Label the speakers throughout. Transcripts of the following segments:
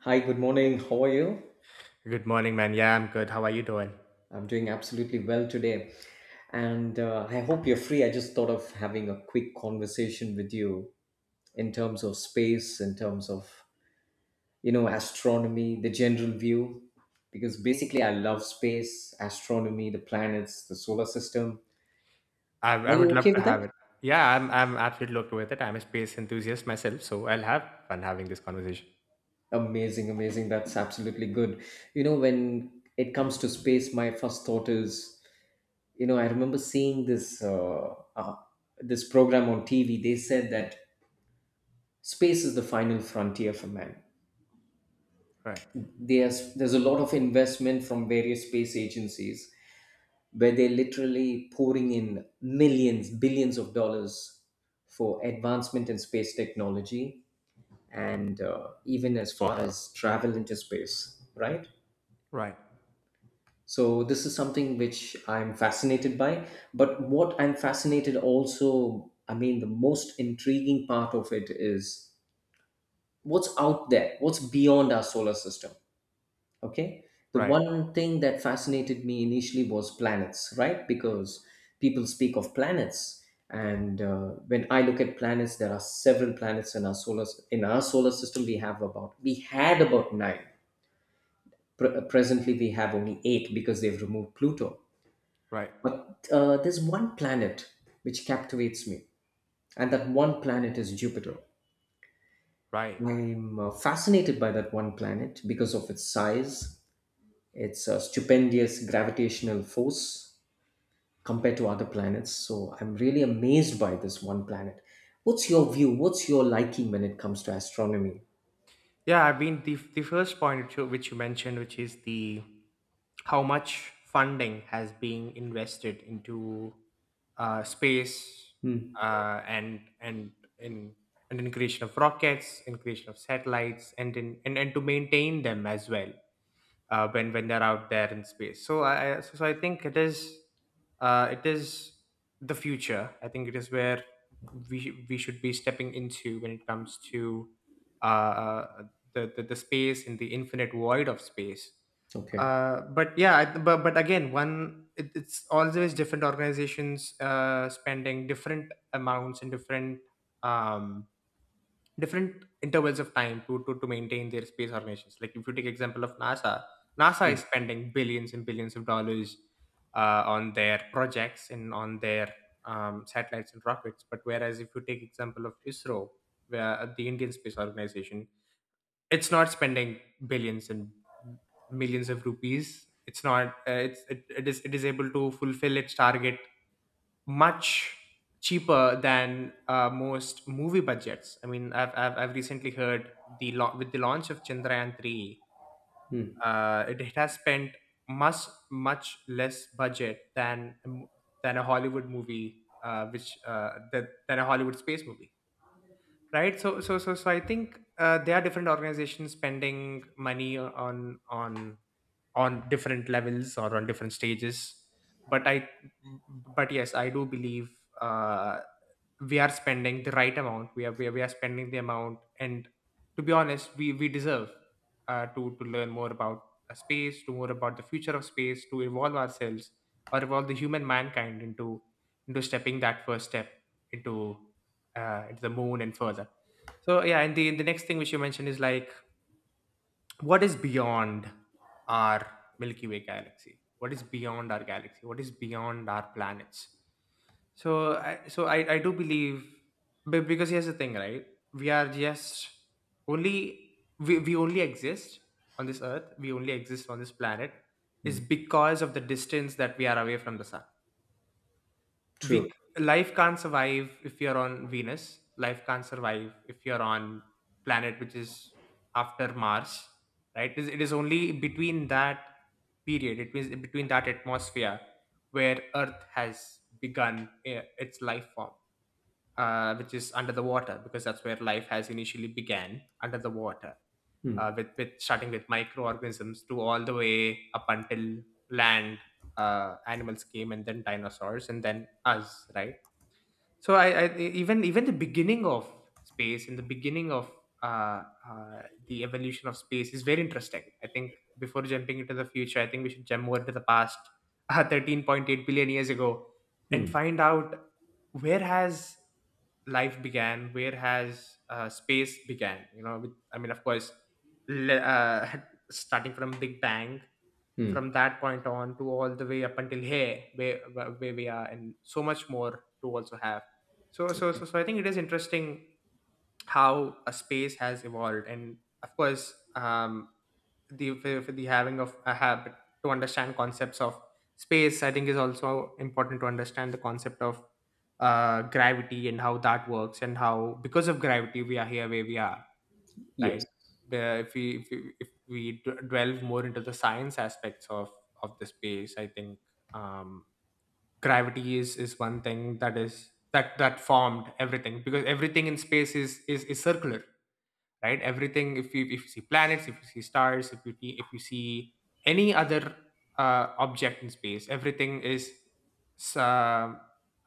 Speaker 1: Hi, good morning. How are you?
Speaker 2: Good morning, man. Yeah, I'm good. How are you doing?
Speaker 1: I'm doing absolutely well today. And I hope you're free. I just thought of having a quick conversation with you in terms of space, in terms of, you know, astronomy, the general view, because basically I love space, astronomy, the planets, the solar system.
Speaker 2: I
Speaker 1: Are
Speaker 2: would
Speaker 1: you
Speaker 2: love
Speaker 1: okay
Speaker 2: to
Speaker 1: with
Speaker 2: have
Speaker 1: that?
Speaker 2: it. Yeah, I'm absolutely okay with it. I'm a space enthusiast myself, so I'll have fun having this conversation.
Speaker 1: Amazing, amazing. That's absolutely good. You know, when it comes to space, my first thought is, you know, I remember seeing this program on TV. They said that space is the final frontier for man.
Speaker 2: Right,
Speaker 1: There's a lot of investment from various space agencies where they're literally pouring in millions, billions of dollars for advancement in space technology, and even as far as travel into space, right.
Speaker 2: right,
Speaker 1: So this is something which I'm fascinated by. But what I'm fascinated also, I mean, the most intriguing part of it is what's out there, what's beyond our solar system. Okay. The
Speaker 2: right,
Speaker 1: one thing that fascinated me initially was planets, right? Because people speak of planets. And when I look at planets, there are several planets in our solar system. We had about nine. Presently, we have only eight because they've removed Pluto.
Speaker 2: right,
Speaker 1: But there's one planet which captivates me, and that one planet is Jupiter.
Speaker 2: right.
Speaker 1: I'm fascinated by that one planet because of its size, its stupendous gravitational force compared to other planets. So I'm really amazed by this one planet. What's your view? What's your liking when it comes to astronomy?
Speaker 2: Yeah, I mean the first point which you mentioned, which is the how much funding has been invested into space,
Speaker 1: Hmm.
Speaker 2: and in creation of rockets, in creation of satellites, and in and to maintain them as well, when they're out there in space. So I think it is uh, it is the future. I think it is where we should be stepping into when it comes to uh, uh, the space in the infinite void of space.
Speaker 1: Okay.
Speaker 2: But yeah, but again, one it's always different organizations spending different amounts and different, um, different intervals of time, to maintain their space organizations. Like if you take example of NASA, NASA is
Speaker 1: Hmm.
Speaker 2: spending billions and billions of dollars on their projects and on their satellites and rockets. But whereas if you take example of ISRO, where the Indian Space Organization, it's not spending billions and millions of rupees. It's not. It is able to fulfill its target much cheaper than most movie budgets. I mean, I've recently heard with the launch of Chandrayaan 3,
Speaker 1: Hmm.
Speaker 2: it has spent much, much less budget than a Hollywood movie, than a Hollywood space movie. Right, so I think there are different organizations spending money on different levels or on different stages, but I but yes, I do believe uh, we are spending the right amount. We we are spending the amount, and to be honest we deserve to learn more about space, to more about the future of space, to evolve ourselves or evolve the human mankind into stepping that first step into into the moon and further. So yeah, and the next thing which you mentioned is like, what is beyond our milky way galaxy, what is beyond our galaxy, what is beyond our planets. I do believe, but because here's the thing, right? We are just only we only exist on this earth, we only exist on this planet,
Speaker 1: Hmm.
Speaker 2: is because of the distance that we are away from the sun.
Speaker 1: True.
Speaker 2: We Life can't survive if you're on Venus. Life can't survive if you're on planet which is after Mars. Right? It is only between that period, it means between that atmosphere where Earth has begun, its life form, which is under the water, because that's where life has initially began, under the water,
Speaker 1: Hmm.
Speaker 2: with starting with microorganisms, to all the way up until land animals came, and then dinosaurs, and then us, right? So I, I e, even even the beginning of space and the beginning of uh, uh, the evolution of space is very interesting. I think before jumping into the future, I think we should jump over to the past, 13.8 billion years ago, and
Speaker 1: Hmm.
Speaker 2: find out where has life began, where has space began. You know, I mean, of course, le- uh, starting from Big Bang,
Speaker 1: Hmm.
Speaker 2: from that point on, to all the way up until here, where we are, and so much more to also have. So I think it is interesting how a space has evolved. And of course, the for the having of a habit to understand concepts of space, I think, is also important to understand the concept of gravity, and how that works, and how because of gravity we are here where we are, right?
Speaker 1: Yes.
Speaker 2: The- If we if we, if we delve more into the science aspects of the space, I think. Um, Gravity is one thing that formed everything, because everything in space is circular, right? Everything, if you see planets, if you see stars, if you see any other object in space, everything is s- uh,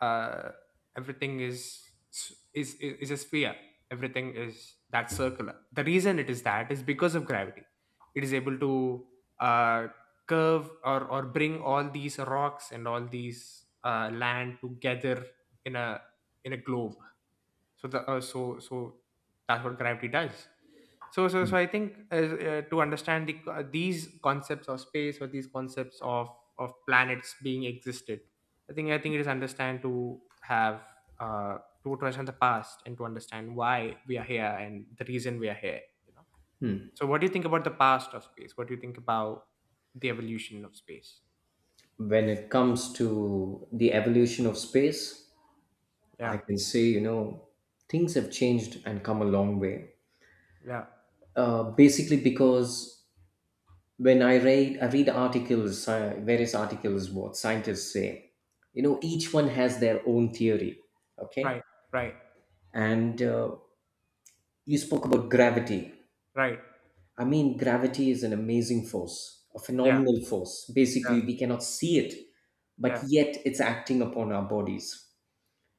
Speaker 2: uh, everything is a sphere. Everything is that circular. The reason it is that is because of gravity. It is able to uh, curve, or bring all these rocks and all these land together, in a globe. So the uh, so so that's what gravity does. So I think, to understand these concepts of space, or these concepts of planets being existed, I think it is understand to have uh to understand the past, and to understand why we are here and the reason we are here, you know. So, what do you think about the past of space? What do you think about the evolution of space?
Speaker 1: When it comes to the evolution of space, I
Speaker 2: Yeah.
Speaker 1: can say, you know, things have changed and come a long way.
Speaker 2: Yeah.
Speaker 1: Basically, because when I read articles, various articles, what scientists say, you know, each one has their own theory.
Speaker 2: Right.
Speaker 1: Okay,
Speaker 2: Right.
Speaker 1: and you spoke about gravity.
Speaker 2: Right.
Speaker 1: I mean, gravity is an amazing force, a
Speaker 2: Yeah,
Speaker 1: phenomenal force.
Speaker 2: yeah,
Speaker 1: Basically, we cannot see it, but
Speaker 2: yeah,
Speaker 1: yet it's acting upon our bodies.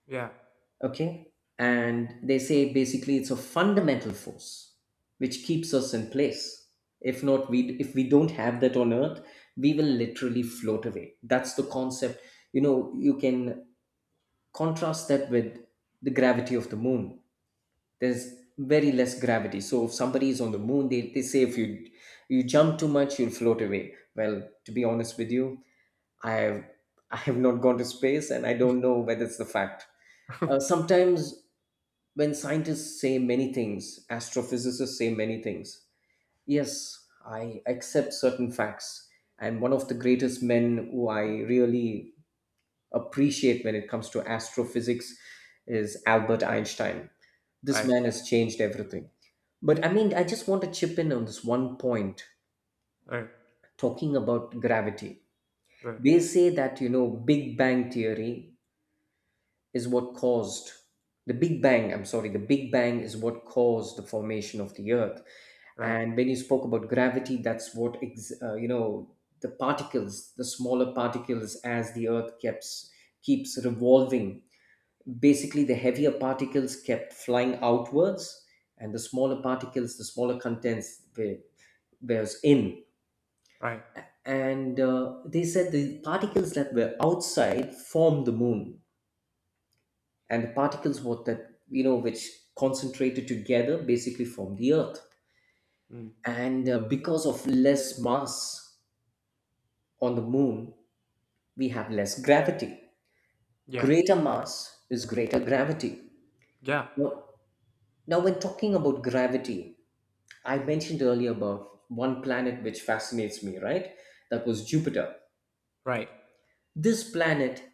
Speaker 2: yeah.
Speaker 1: Okay, and they say basically it's a fundamental force which keeps us in place. If not, we if we don't have that on Earth, we will literally float away. That's the concept. You know, you can contrast that with the gravity of the moon. There's very less gravity, so if somebody is on the moon, they say if you jump too much, you'll float away. Well, to be honest with you, i have I have not gone to space, and I don't know whether it's the fact. Sometimes when scientists say many things, astrophysicists say many things. Yes, I accept certain facts. And one of the greatest men who I really appreciate when it comes to astrophysics is Albert Einstein. This
Speaker 2: Right,
Speaker 1: man has changed everything. But I mean, I just want to chip in on this one point
Speaker 2: right.
Speaker 1: talking about gravity.
Speaker 2: Right,
Speaker 1: They say that, you know, Big Bang theory is what caused the Big Bang. I'm sorry, the Big Bang is what caused the formation of the Earth.
Speaker 2: right,
Speaker 1: And when you spoke about gravity, that's what the particles, the smaller particles, as the earth keeps revolving, basically the heavier particles kept flying outwards, and the smaller particles, the smaller contents were was in.
Speaker 2: right.
Speaker 1: And they said the particles that were outside formed the moon, and the particles what that you know, which concentrated together, basically formed the earth.
Speaker 2: Mm.
Speaker 1: And because of less mass on the moon, we have less gravity.
Speaker 2: Yeah,
Speaker 1: Greater mass is greater gravity.
Speaker 2: yeah.
Speaker 1: Now, when talking about gravity, I mentioned earlier about one planet which fascinates me, right? That was Jupiter.
Speaker 2: Right.
Speaker 1: This planet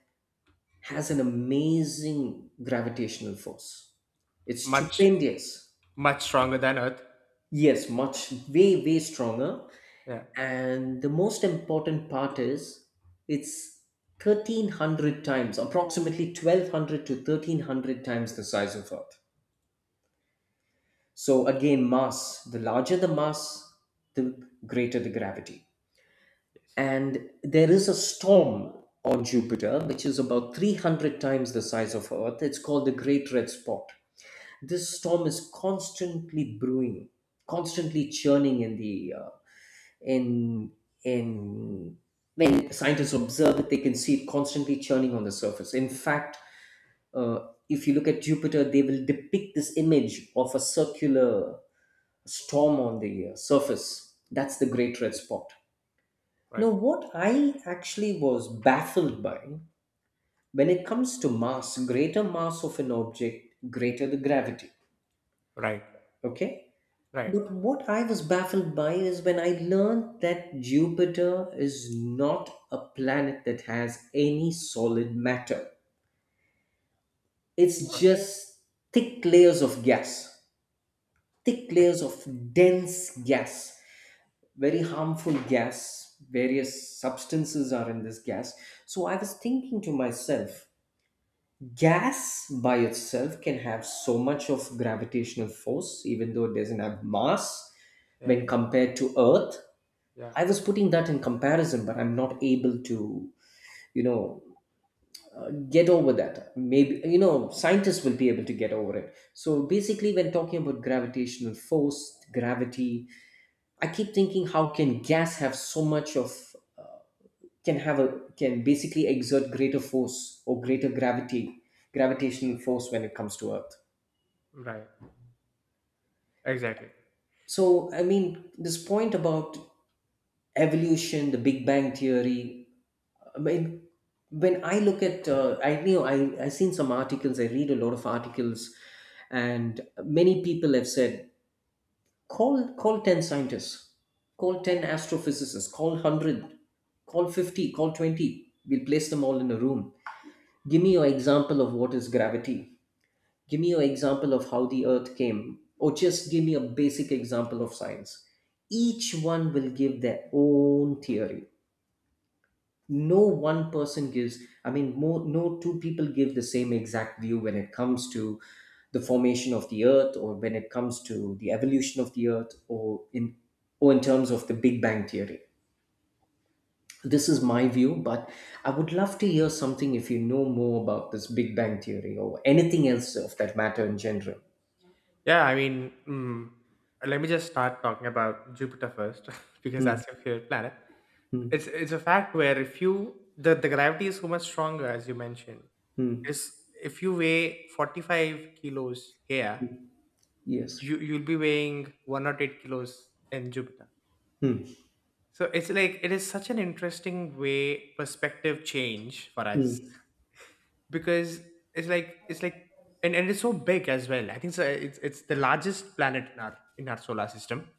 Speaker 1: has an amazing gravitational force. It's
Speaker 2: Much,
Speaker 1: stupendous.
Speaker 2: much stronger than Earth.
Speaker 1: Yes, much, way, way stronger.
Speaker 2: Yeah.
Speaker 1: And the most important part is it's 1300 times, approximately 1200 to 1300 times the size of earth. So again, mass, the larger the mass, the greater the gravity.
Speaker 2: Yes.
Speaker 1: And there is a storm on Jupiter which is about 300 times the size of earth. It's called the Great Red Spot. This storm is constantly brewing, constantly churning in the and and when scientists observe it, they can see it constantly churning on the surface. In fact, if you look at Jupiter, they will depict this image of a circular storm on the surface. That's the Great Red Spot.
Speaker 2: Right,
Speaker 1: Now what I actually was baffled by when it comes to mass, greater mass of an object, greater the gravity.
Speaker 2: right,
Speaker 1: Okay.
Speaker 2: right,
Speaker 1: But what I was baffled by is when I learned that Jupiter is not a planet that has any solid matter. It's
Speaker 2: right.
Speaker 1: just thick layers of gas, thick
Speaker 2: Yeah,
Speaker 1: layers of dense gas, very harmful gas. Various substances are in this gas. So I was thinking to myself, gas by itself can have so much of gravitational force, even though it doesn't have mass
Speaker 2: yeah,
Speaker 1: when compared to Earth.
Speaker 2: yeah.
Speaker 1: I was putting that in comparison, but I'm not able to, you know, get over that. Maybe, you know, scientists will be able to get over it. So basically, when talking about gravitational force, gravity, I keep thinking how can gas have so much of, can have a, can basically exert greater force or greater gravity, gravitational force, when it comes to Earth.
Speaker 2: Right. Exactly.
Speaker 1: So, I mean, this point about evolution, the Big Bang theory, I mean, when I look at, I know I seen some articles. I read a lot of articles, and many people have said, call 10 scientists, call 10 astrophysicists, call 100, call 50, call 20. We'll place them all in a room. Give me your example of what is gravity. Give me your example of how the Earth came, or just give me a basic example of science. Each one will give their own theory. No one person gives, I mean more, no two people give the same exact view when it comes to the formation of the earth, or when it comes to the evolution of the earth, or in, or in terms of the Big Bang theory. This is my view, but I would love to hear something if you know more about this Big Bang theory or anything else of that matter in general.
Speaker 2: Yeah. I mean, let me just start talking about Jupiter first, because
Speaker 1: Hmm,
Speaker 2: that's your favorite planet.
Speaker 1: hmm,
Speaker 2: It's a fact where, if you— the gravity is so much stronger, as you mentioned.
Speaker 1: hmm,
Speaker 2: Is If you weigh 45 kilos here,
Speaker 1: yes,
Speaker 2: you'll be weighing 1 or 8 kilos in Jupiter.
Speaker 1: hmm,
Speaker 2: So it's like, it is such an interesting way perspective change for us,
Speaker 1: hmm,
Speaker 2: because it's like, and it's so big as well. I think, so it's the largest planet in our solar system.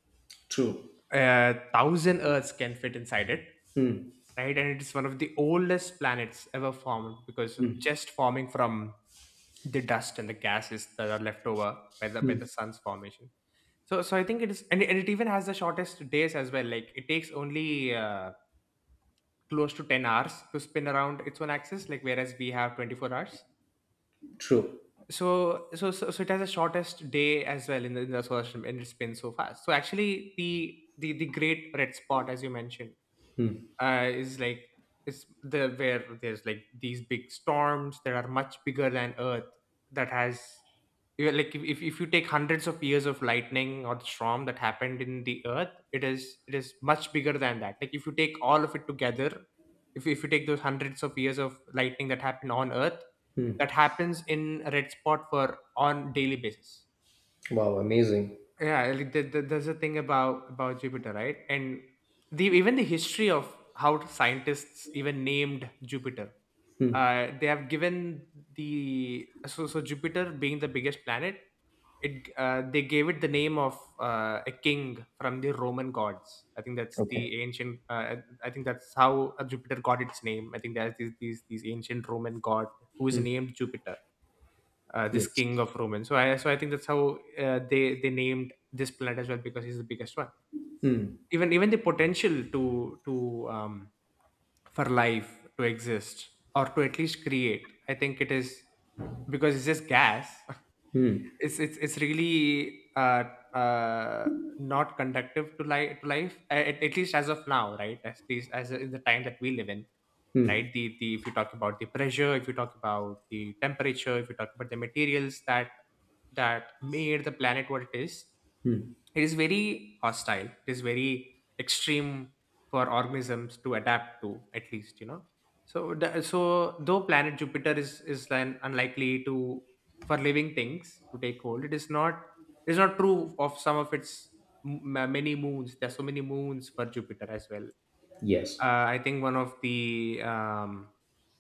Speaker 1: True.
Speaker 2: A 1,000 Earths can fit inside it,
Speaker 1: Hmm,
Speaker 2: right? And it is one of the oldest planets ever formed, because of
Speaker 1: hmm,
Speaker 2: just forming from the dust and the gases that are left over by the
Speaker 1: hmm.
Speaker 2: sun's formation. So I think it is, and, it even has the shortest days as well. Like, it takes only close to 10 hours to spin around its one axis, like, whereas we have 24 hours.
Speaker 1: True.
Speaker 2: So it has the shortest day as well in in the solar system, and it spins so fast. So actually, the great red spot, as you mentioned,
Speaker 1: Hmm,
Speaker 2: uh, is like is the where there's like these big storms that are much bigger than Earth, that has, you know, like, if, if you take hundreds of years of lightning, or the storm that happened in the Earth, it is much bigger than that. Like, if you take all of it together, if you take those hundreds of years of lightning that happened on Earth,
Speaker 1: hmm.
Speaker 2: that happens in a red spot for, on daily basis.
Speaker 1: Wow, amazing.
Speaker 2: Yeah, like, there's a thing about Jupiter, right? And the even the history of how scientists even named Jupiter.
Speaker 1: Hmm,
Speaker 2: Uh they have given the so so Jupiter being the biggest planet, it they gave it the name of a king from the Roman gods, I think that's the
Speaker 1: okay.
Speaker 2: ancient, I think that's how Jupiter got its name. I think there's these ancient Roman god who is
Speaker 1: Mm,
Speaker 2: named Jupiter, this
Speaker 1: yes.
Speaker 2: king of Roman. So I think that's how they named this planet as well, because he's the biggest one.
Speaker 1: Mm,
Speaker 2: Even the potential, to for life to exist, or to at least create, I think it is, because it's just gas.
Speaker 1: mm,
Speaker 2: It's really, uh not conductive to life, at least as of now, right? At least as in the time that we live in,
Speaker 1: mm,
Speaker 2: right? The If you talk about the pressure, if you talk about the temperature, if you talk about the materials that made the planet what it is, it is very hostile, it is very extreme for organisms to adapt to, at least, you know. So, though planet Jupiter is then unlikely to— for living things to take hold. It is not true of some of its many moons. There's so many moons for Jupiter as well.
Speaker 1: yes.
Speaker 2: I think, one of the,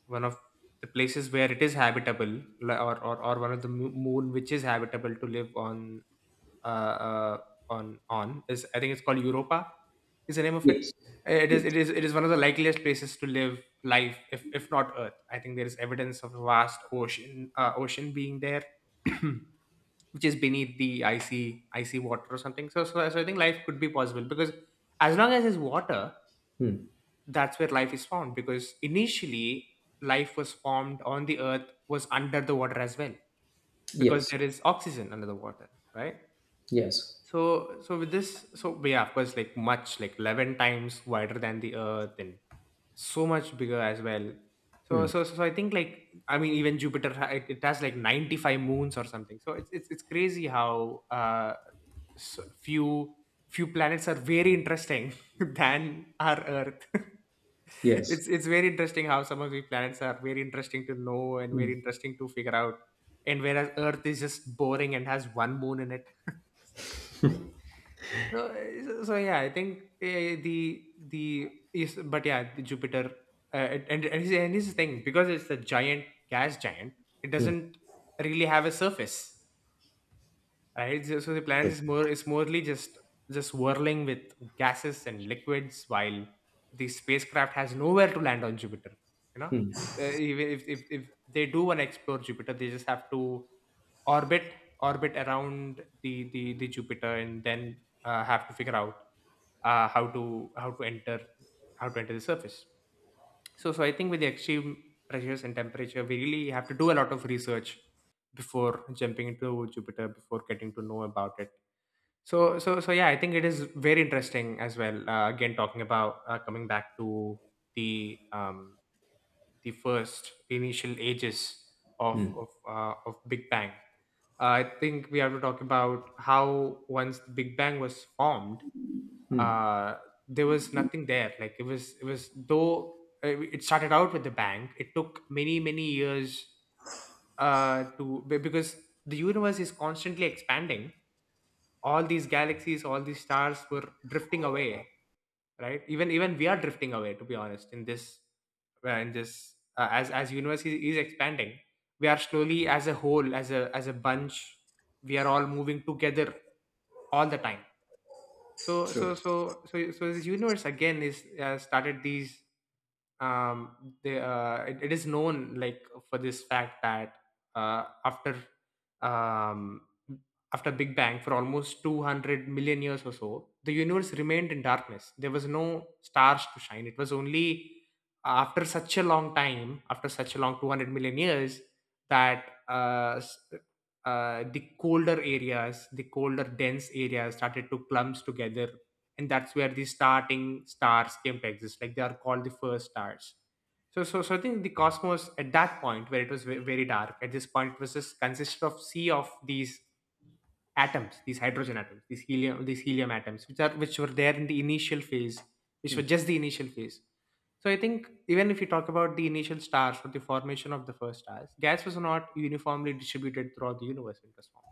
Speaker 2: one of the places where it is habitable, or, or one of the moon which is habitable to live on, uh, uh, on is, I think it's called Europa. Is the name of it?
Speaker 1: Yes. Yes.
Speaker 2: It is one of the likeliest places to live life, if not Earth. I think there is evidence of a vast ocean ocean being there. which is beneath the icy water or something. So I think life could be possible because as long as there's water,
Speaker 1: Mm,
Speaker 2: that's where life is found. Because initially, life was formed on the earth was under the water as well because
Speaker 1: yes.
Speaker 2: there is oxygen under the water, right?
Speaker 1: Yes.
Speaker 2: So with this so we yeah, of course, like much like 11 times wider than the earth and so much bigger as well. so
Speaker 1: Mm,
Speaker 2: so so, so i think even Jupiter it has like 95 moons or something, so it's crazy how s few planets are very interesting than our earth.
Speaker 1: yes.
Speaker 2: It's very interesting how some of the planets are very interesting to know and very
Speaker 1: Mm,
Speaker 2: interesting to figure out, and whereas earth is just boring and has one moon in it. Yeah, I think the is but yeah, the Jupiter, and his thing, because it's a giant gas giant, it
Speaker 1: mm,
Speaker 2: doesn't really have a surface, right? So the planet is morely just whirling with gases and liquids, while the spacecraft has nowhere to land on Jupiter, you know.
Speaker 1: mm,
Speaker 2: Even if they do want to explore Jupiter, they just have to orbit orbit around the the Jupiter and then have to figure out uh, how to how to enter how to enter the surface. So I think with the extreme pressures and temperature, we really have to do a lot of research before jumping into Jupiter, before getting to know about it. Yeah, I think it is very interesting as well. Again, talking about coming back to the um, the first the initial ages of
Speaker 1: mm,
Speaker 2: of uh, of Big Bang. I think we have to talk about how once the Big Bang was formed,
Speaker 1: mm.
Speaker 2: uh, there was nothing there. Like, it was though it started out with the bank, it took many years to because the universe is constantly expanding. All these galaxies, all these stars were drifting away, right? Even we are drifting away, to be honest, in this as universe is expanding, we are slowly, as a whole, as a bunch, we are all moving together all the time.
Speaker 1: True.
Speaker 2: This universe, again, is started these um it is known, like, for this fact that uh, after um after big bang for almost 200 million years or so, the universe remained in darkness. There was no stars to shine. It was only after such a long time, after such a long 200 million years that the colder areas, the colder dense areas started to clumps together, and that's where the starting stars came to exist, like they are called the first stars. So I think the cosmos at that point, where it was very dark, at this point, it was just consisted of sea of these atoms, these hydrogen atoms, these helium, these helium atoms, which are which were there in the initial phase, which were
Speaker 1: Mm,
Speaker 2: just the initial phase. So I think even if you talk about the initial stars or the formation of the first stars, gas was not uniformly distributed throughout the universe in this form.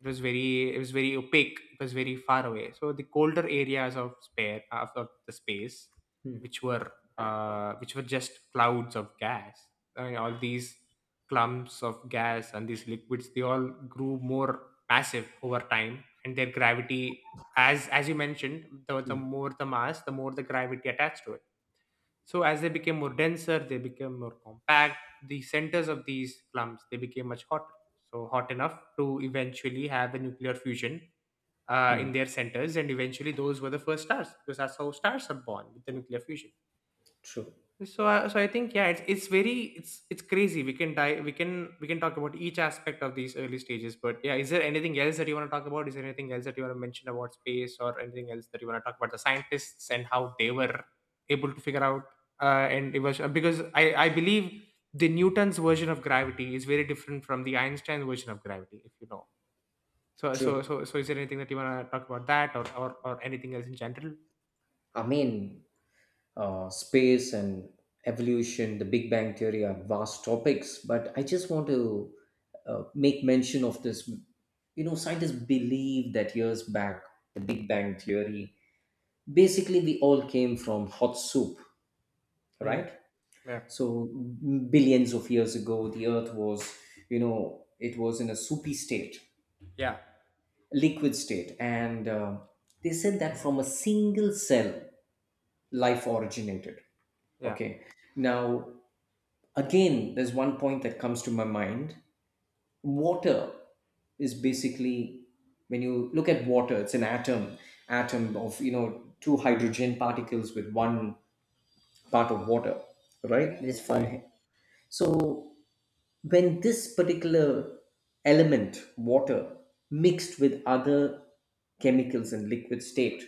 Speaker 2: It was very opaque, it was very far away. So the colder areas of spare of the space
Speaker 1: mm,
Speaker 2: which were which were just clouds of gas, I mean, all these clumps of gas and these liquids, they all grew more massive over time, and their gravity, as you mentioned, the
Speaker 1: mm,
Speaker 2: more the mass, the more the gravity attached to it. So as they became more denser, they became more compact. The centers of these clumps, they became much hotter, so hot enough to eventually have a nuclear fusion in
Speaker 1: mm.
Speaker 2: their centers, and eventually those were the first stars, because that's how stars are born, with the nuclear fusion.
Speaker 1: True.
Speaker 2: So I think, yeah, it's very it's crazy. We can die we can We can talk about each aspect of these early stages, but yeah, is there anything else that you want to talk about? Is there anything else that you want to mention about space, or anything else that you want to talk about, the scientists and how they were able to figure out? And it was Because I believe the Newton's version of gravity is very different from the Einstein's version of gravity, if you know.
Speaker 1: True.
Speaker 2: Is there anything that you want to talk about that, or anything else in general?
Speaker 1: I mean, space and evolution, the Big Bang Theory are vast topics, but I just want to make mention of this. You know, scientists believe that years back, the Big Bang Theory, basically we all came from hot soup,
Speaker 2: Mm,
Speaker 1: right?
Speaker 2: yeah,
Speaker 1: So billions of years ago, the Earth was, you know, it was in a soupy state,
Speaker 2: yeah,
Speaker 1: liquid state, and they said that from a single cell, life originated.
Speaker 2: yeah,
Speaker 1: Okay, now again, there's one point that comes to my mind. Water is basically, when you look at water, it's an atom, atom of, you know, two hydrogen particles with one part of water, right? It is
Speaker 2: right,
Speaker 1: formed. So when this particular element, water, mixed with other chemicals in liquid state,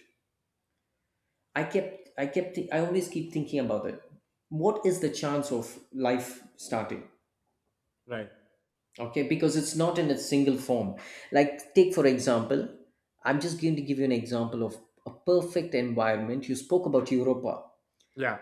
Speaker 1: I always keep thinking about it. What is the chance of life starting?
Speaker 2: right,
Speaker 1: Okay, because it's not in its single form. Like, take for example, I'm just going to give you an example of a perfect environment. You spoke about Europa,
Speaker 2: yeah.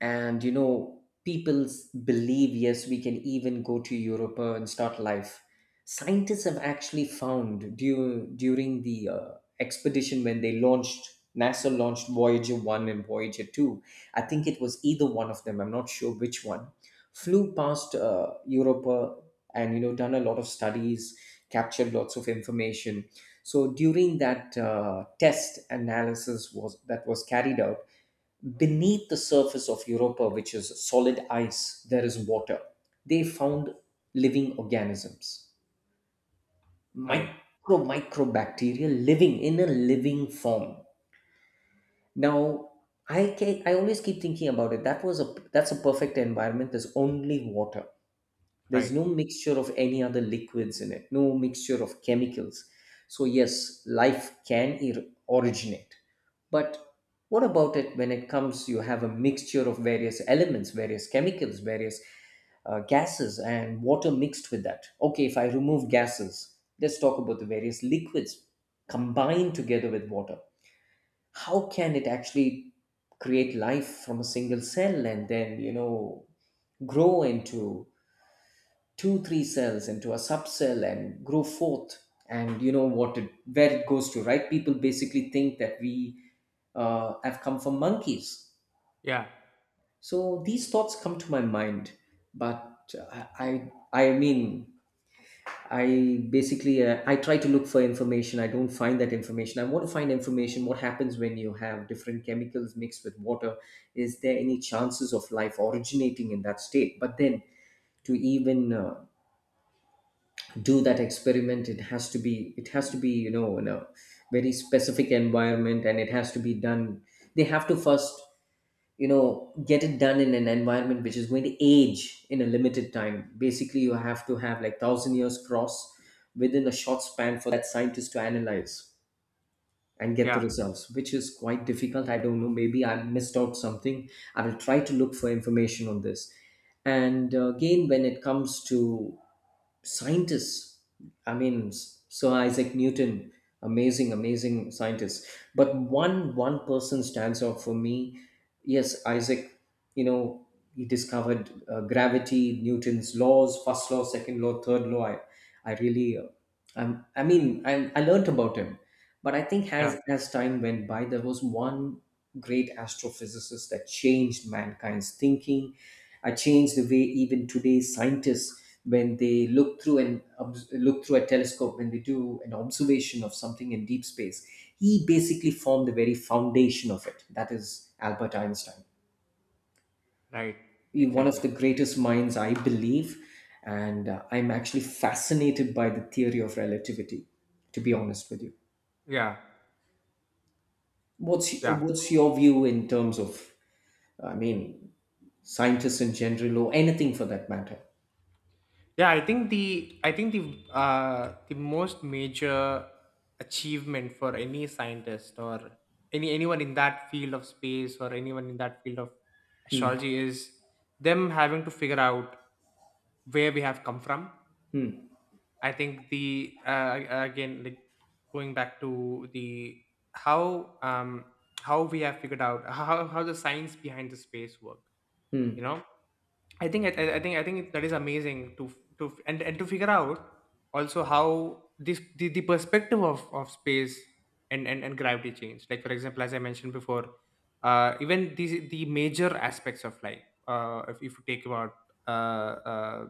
Speaker 1: and you know people believe, yes, we can even go to europe, and start life. Scientists have actually found during the expedition when they launched, NASA launched, Voyager 1 and Voyager 2. I think it was either one of them, I'm not sure which one, flew past, europe, and you know, done a lot of studies, captured lots of information. So during that test, analysis was that was carried out beneath the surface of Europa, which is solid ice, there is water. They found living organisms,
Speaker 2: Right,
Speaker 1: micro microbacteria living in a living form. Now, I always keep thinking about it. That was a, that's a perfect environment. There's only water, there's
Speaker 2: right.
Speaker 1: no mixture of any other liquids in it, no mixture of chemicals. So yes, life can originate. But what about it when it comes, you have a mixture of various elements, various chemicals, various gases and water mixed with that. Okay, if I remove gases, let's talk about the various liquids combined together with water. How can it actually create life from a single cell, and then, you know, grow into two, three cells, into a subcell, and grow forth, and you know what it, where it goes to, right? People basically think that we have come from monkeys.
Speaker 2: Yeah,
Speaker 1: So these thoughts come to my mind. But I mean, I basically, I try to look for information. I don't find that information. I want to find information what happens when you have different chemicals mixed with water. Is there any chances of life originating in that state? But then, to even do that experiment, it has to be, you know, in a very specific environment, and it has to be done. They have to first, you know, get it done in an environment which is going to age in a limited time. Basically, you have to have like thousand years cross within a short span for that scientist to analyze and get the
Speaker 2: yeah,
Speaker 1: results, which is quite difficult. I don't know, maybe I missed out something. I will try to look for information on this. And again, when it comes to scientists, I mean, Sir Isaac Newton, amazing, amazing scientist, but one person stands out for me. Yes, Isaac, you know, he discovered, gravity, Newton's laws, first law, second law, third law. I really, I mean, I learnt about him, but I think
Speaker 2: yeah,
Speaker 1: as time went by there was one great astrophysicists that changed mankind's thinking, changed the way even today scientists, when they look through a telescope, when they do an observation of something in deep space, he basically formed the very foundation of it. That is Albert Einstein.
Speaker 2: right.
Speaker 1: One of
Speaker 2: Exactly.
Speaker 1: the greatest minds, I believe, and I'm actually fascinated by the theory of relativity. To be honest with you,
Speaker 2: Yeah,
Speaker 1: what's
Speaker 2: yeah.
Speaker 1: what's your view in terms of, I mean, scientists in general, or anything for that matter.
Speaker 2: Yeah, I think the most major achievement for any scientist or anyone in that field of space, or anyone in that field of
Speaker 1: Hmm,
Speaker 2: astrology, is them having to figure out where we have come from.
Speaker 1: hmm,
Speaker 2: I think the again like going back to the how um how we have figured out how the science behind the space work. You
Speaker 1: hmm,
Speaker 2: know, I think that is amazing to and to figure out also how the perspective of space and gravity changed, like for example, as I mentioned before, even the major aspects of life, if you take about uh, uh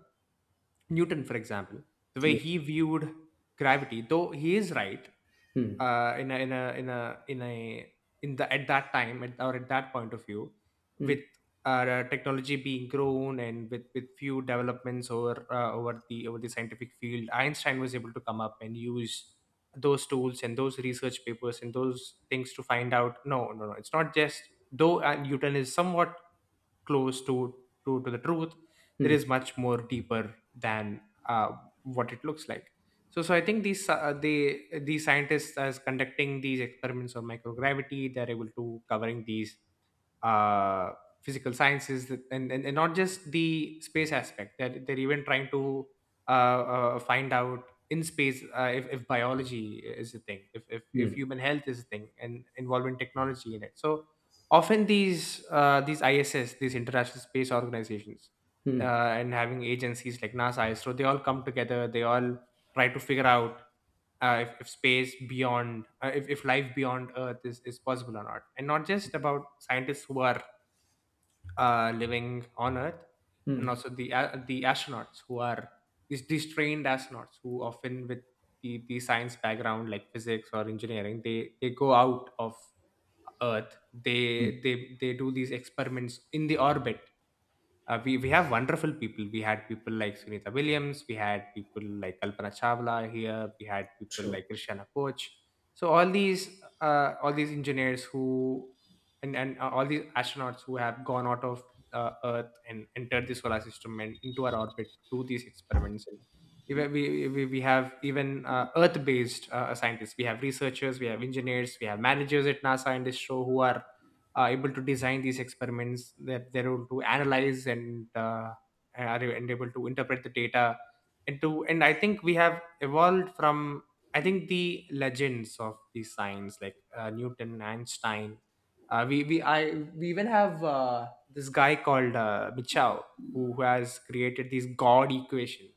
Speaker 2: Newton, for example, the way he
Speaker 1: yes,
Speaker 2: viewed gravity, though he is right,
Speaker 1: hmm,
Speaker 2: in a in a in a in a in the, at that time, at that point of view,
Speaker 1: hmm,
Speaker 2: with technology being grown, and with few developments over over the scientific field, Einstein was able to come up and use those tools and those research papers and those things to find out, no, no, no, it's not just, though Newton is somewhat close to to the truth, there
Speaker 1: hmm,
Speaker 2: is much more deeper than uh, what it looks like. I think these these scientists as conducting these experiments on microgravity, they're able to covering these uh, physical sciences, and not just the space aspect, that they're even trying to find out in space if biology is a thing, if
Speaker 1: hmm,
Speaker 2: human health is a thing and involving technology in it. So, often these iss these international space organizations
Speaker 1: hmm,
Speaker 2: and having agencies like NASA, ISRO, they all come together, they all try to figure out if life beyond earth is possible or not, and not just about scientists who are living on earth, and
Speaker 1: hmm,
Speaker 2: also the astronauts who are these trained astronauts who often with the science background like physics or engineering, they go out of earth,
Speaker 1: hmm,
Speaker 2: they do these experiments in the orbit. We have wonderful people. We had people like Sunita Williams. We had people like Kalpana Chawla here. We had people
Speaker 1: true.
Speaker 2: like Krishna Koch. So all these engineers who, and all these astronauts who have gone out of Earth and entered the solar system and into our orbit to do these experiments. And even we have even Earth based scientists. We have researchers. We have engineers. We have managers at NASA and this show who are able to design these experiments, that they're able to analyze and are and able to interpret the data into. And I think we have evolved from, I think, the legends of these science like Newton, Einstein. uh, we we i we even have this guy called Michao, who has created this god equation,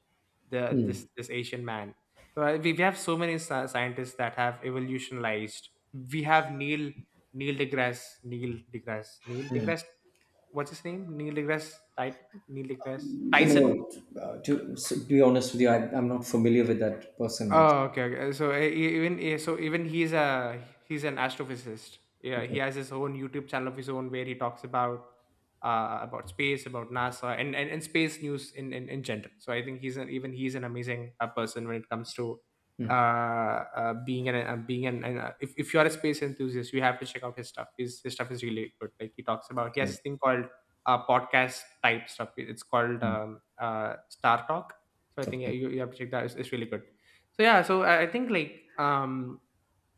Speaker 2: the this
Speaker 1: Hmm.
Speaker 2: this Asian man. So we have so many scientists that have evolutionized. We have Neil deGrasse, what's his name? Neil deGrasse Tyson.
Speaker 1: No, so to be honest with you, I'm not familiar with that person actually.
Speaker 2: Oh, okay, okay. So even he's a he's an astrophysicist. Yeah, he
Speaker 1: Okay,
Speaker 2: has his own YouTube channel of his own where he talks about space, about NASA, and, space news in, general. So I think he's an, even he's an amazing person when it comes to being an if you are a space enthusiast, you have to check out his stuff. His stuff is really good. Like he talks about he has this
Speaker 1: okay,
Speaker 2: thing called podcast type stuff. It's called Star Talk. So I think
Speaker 1: okay.
Speaker 2: you have to check that. It's really good. So I think like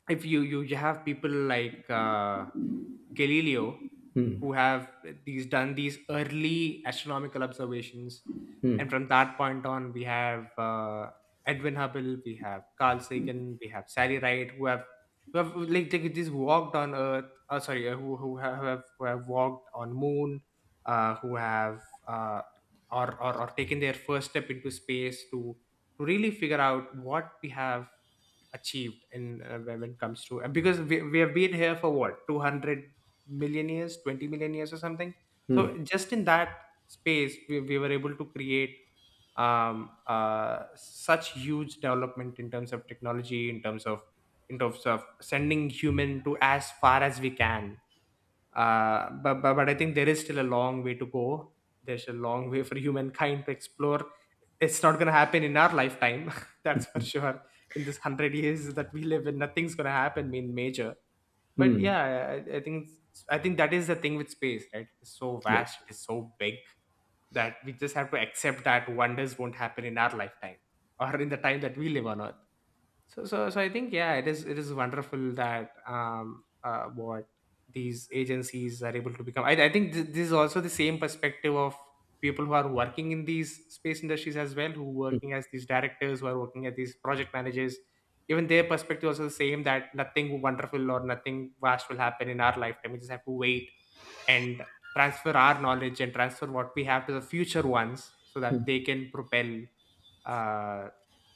Speaker 2: if you have people like Galileo
Speaker 1: Hmm,
Speaker 2: who have these done these early astronomical observations. And
Speaker 1: hmm,
Speaker 2: from that point on we have Edwin Hubble, we have Carl Sagan, we have Sally Wright, who have like they just walked on earth, sorry, who have walked on moon, who have uh or taken their first step into space to really figure out what we have achieved in, when it comes to, because we have been here for what, 200 million years, 20 million years or something. So
Speaker 1: hmm,
Speaker 2: just in that space, we were able to create such huge development in terms of technology, in terms of sending human to as far as we can. But I think there is still a long way to go. There's a long way for humankind to explore. It's not gonna happen in our lifetime, that's for sure. In this hundred years that we live in, nothing's gonna happen in major. But
Speaker 1: hmm,
Speaker 2: yeah, I think I think that is the thing with space, right? It's so
Speaker 1: yes,
Speaker 2: vast, it's so big that we just have to accept that wonders won't happen in our lifetime or in the time that we live on Earth. So I think yeah, it is wonderful that what these agencies are able to become. I think this is also the same perspective of people who are working in these space industries as well, who working as these directors, who are working as these project managers. Even their perspective also the same that nothing wonderful or nothing vast will happen in our lifetime. We just have to wait and transfer our knowledge and transfer what we have to the future ones so that they can propel uh,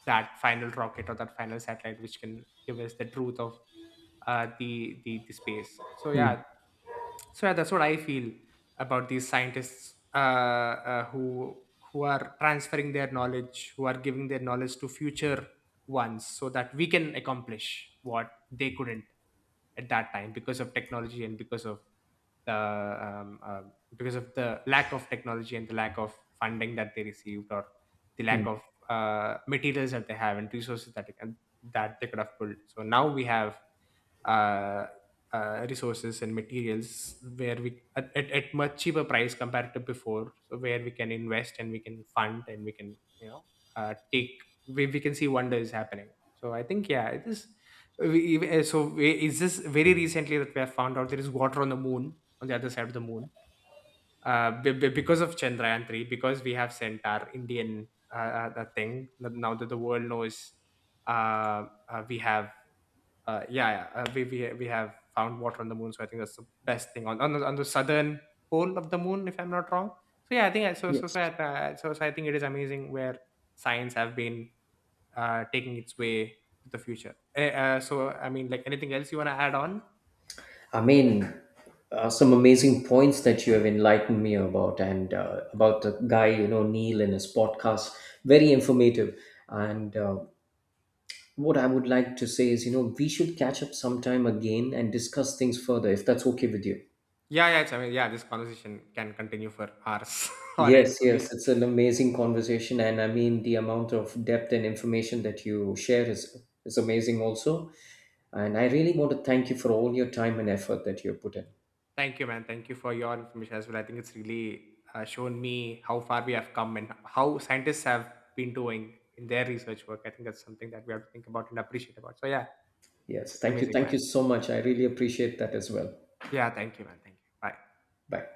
Speaker 2: that final rocket or that final satellite which can give us the truth of, the space. So yeah, so yeah, that's what I feel about these scientists, who are transferring their knowledge, who are giving their knowledge to future ones, so that we can accomplish what they couldn't at that time because of technology and the um, uh, because of the lack of technology and the lack of funding that they received, or the lack of
Speaker 1: hmm,
Speaker 2: materials that they have and resources that they can, that they could have pulled. So now we have uh, resources and materials where we at, at much cheaper price compared to before, so where we can invest and we can fund and we can, you know, take we can see wonders happening. So I think yeah it is we, even- so we- is this very recently that we have found out there is water on the moon, on the other side of the moon, because of Chandrayaan 3, because we have sent our Indian the thing. Now that the world knows, we have yeah, yeah. We have found water on the moon, so I think that's the best thing, on the southern pole of the moon, if I'm not wrong. So yeah, I think I- so. So so I,
Speaker 1: yes.
Speaker 2: uh, so, so I think it is amazing where science have been taking its way to the future. So I mean, like anything else you want to add on?
Speaker 1: I mean, some amazing points that you have enlightened me about, and about the guy, you know, Neil and his podcast. Very informative, and what I would like to say is, you know, we should catch up sometime again and discuss things further if that's okay with you.
Speaker 2: Yeah, yeah. It's, I mean, yeah. This conversation can continue for hours on
Speaker 1: Yes,
Speaker 2: end for me.
Speaker 1: yes, it's an amazing conversation, and I mean the amount of depth and information that you share is amazing also. And I really want to thank you for all your time and effort that you have put in.
Speaker 2: Thank you, man. Thank you for your information as well. I think it's really shown me how far we have come and how scientists have been doing in their research work. I think that's something that we have to think about and appreciate about. So, yeah,
Speaker 1: Yes,
Speaker 2: it's
Speaker 1: thank you.
Speaker 2: amazing, man.
Speaker 1: Thank you so much. I really appreciate that as well.
Speaker 2: Yeah, thank you, man. Thank you. Bye.
Speaker 1: Bye.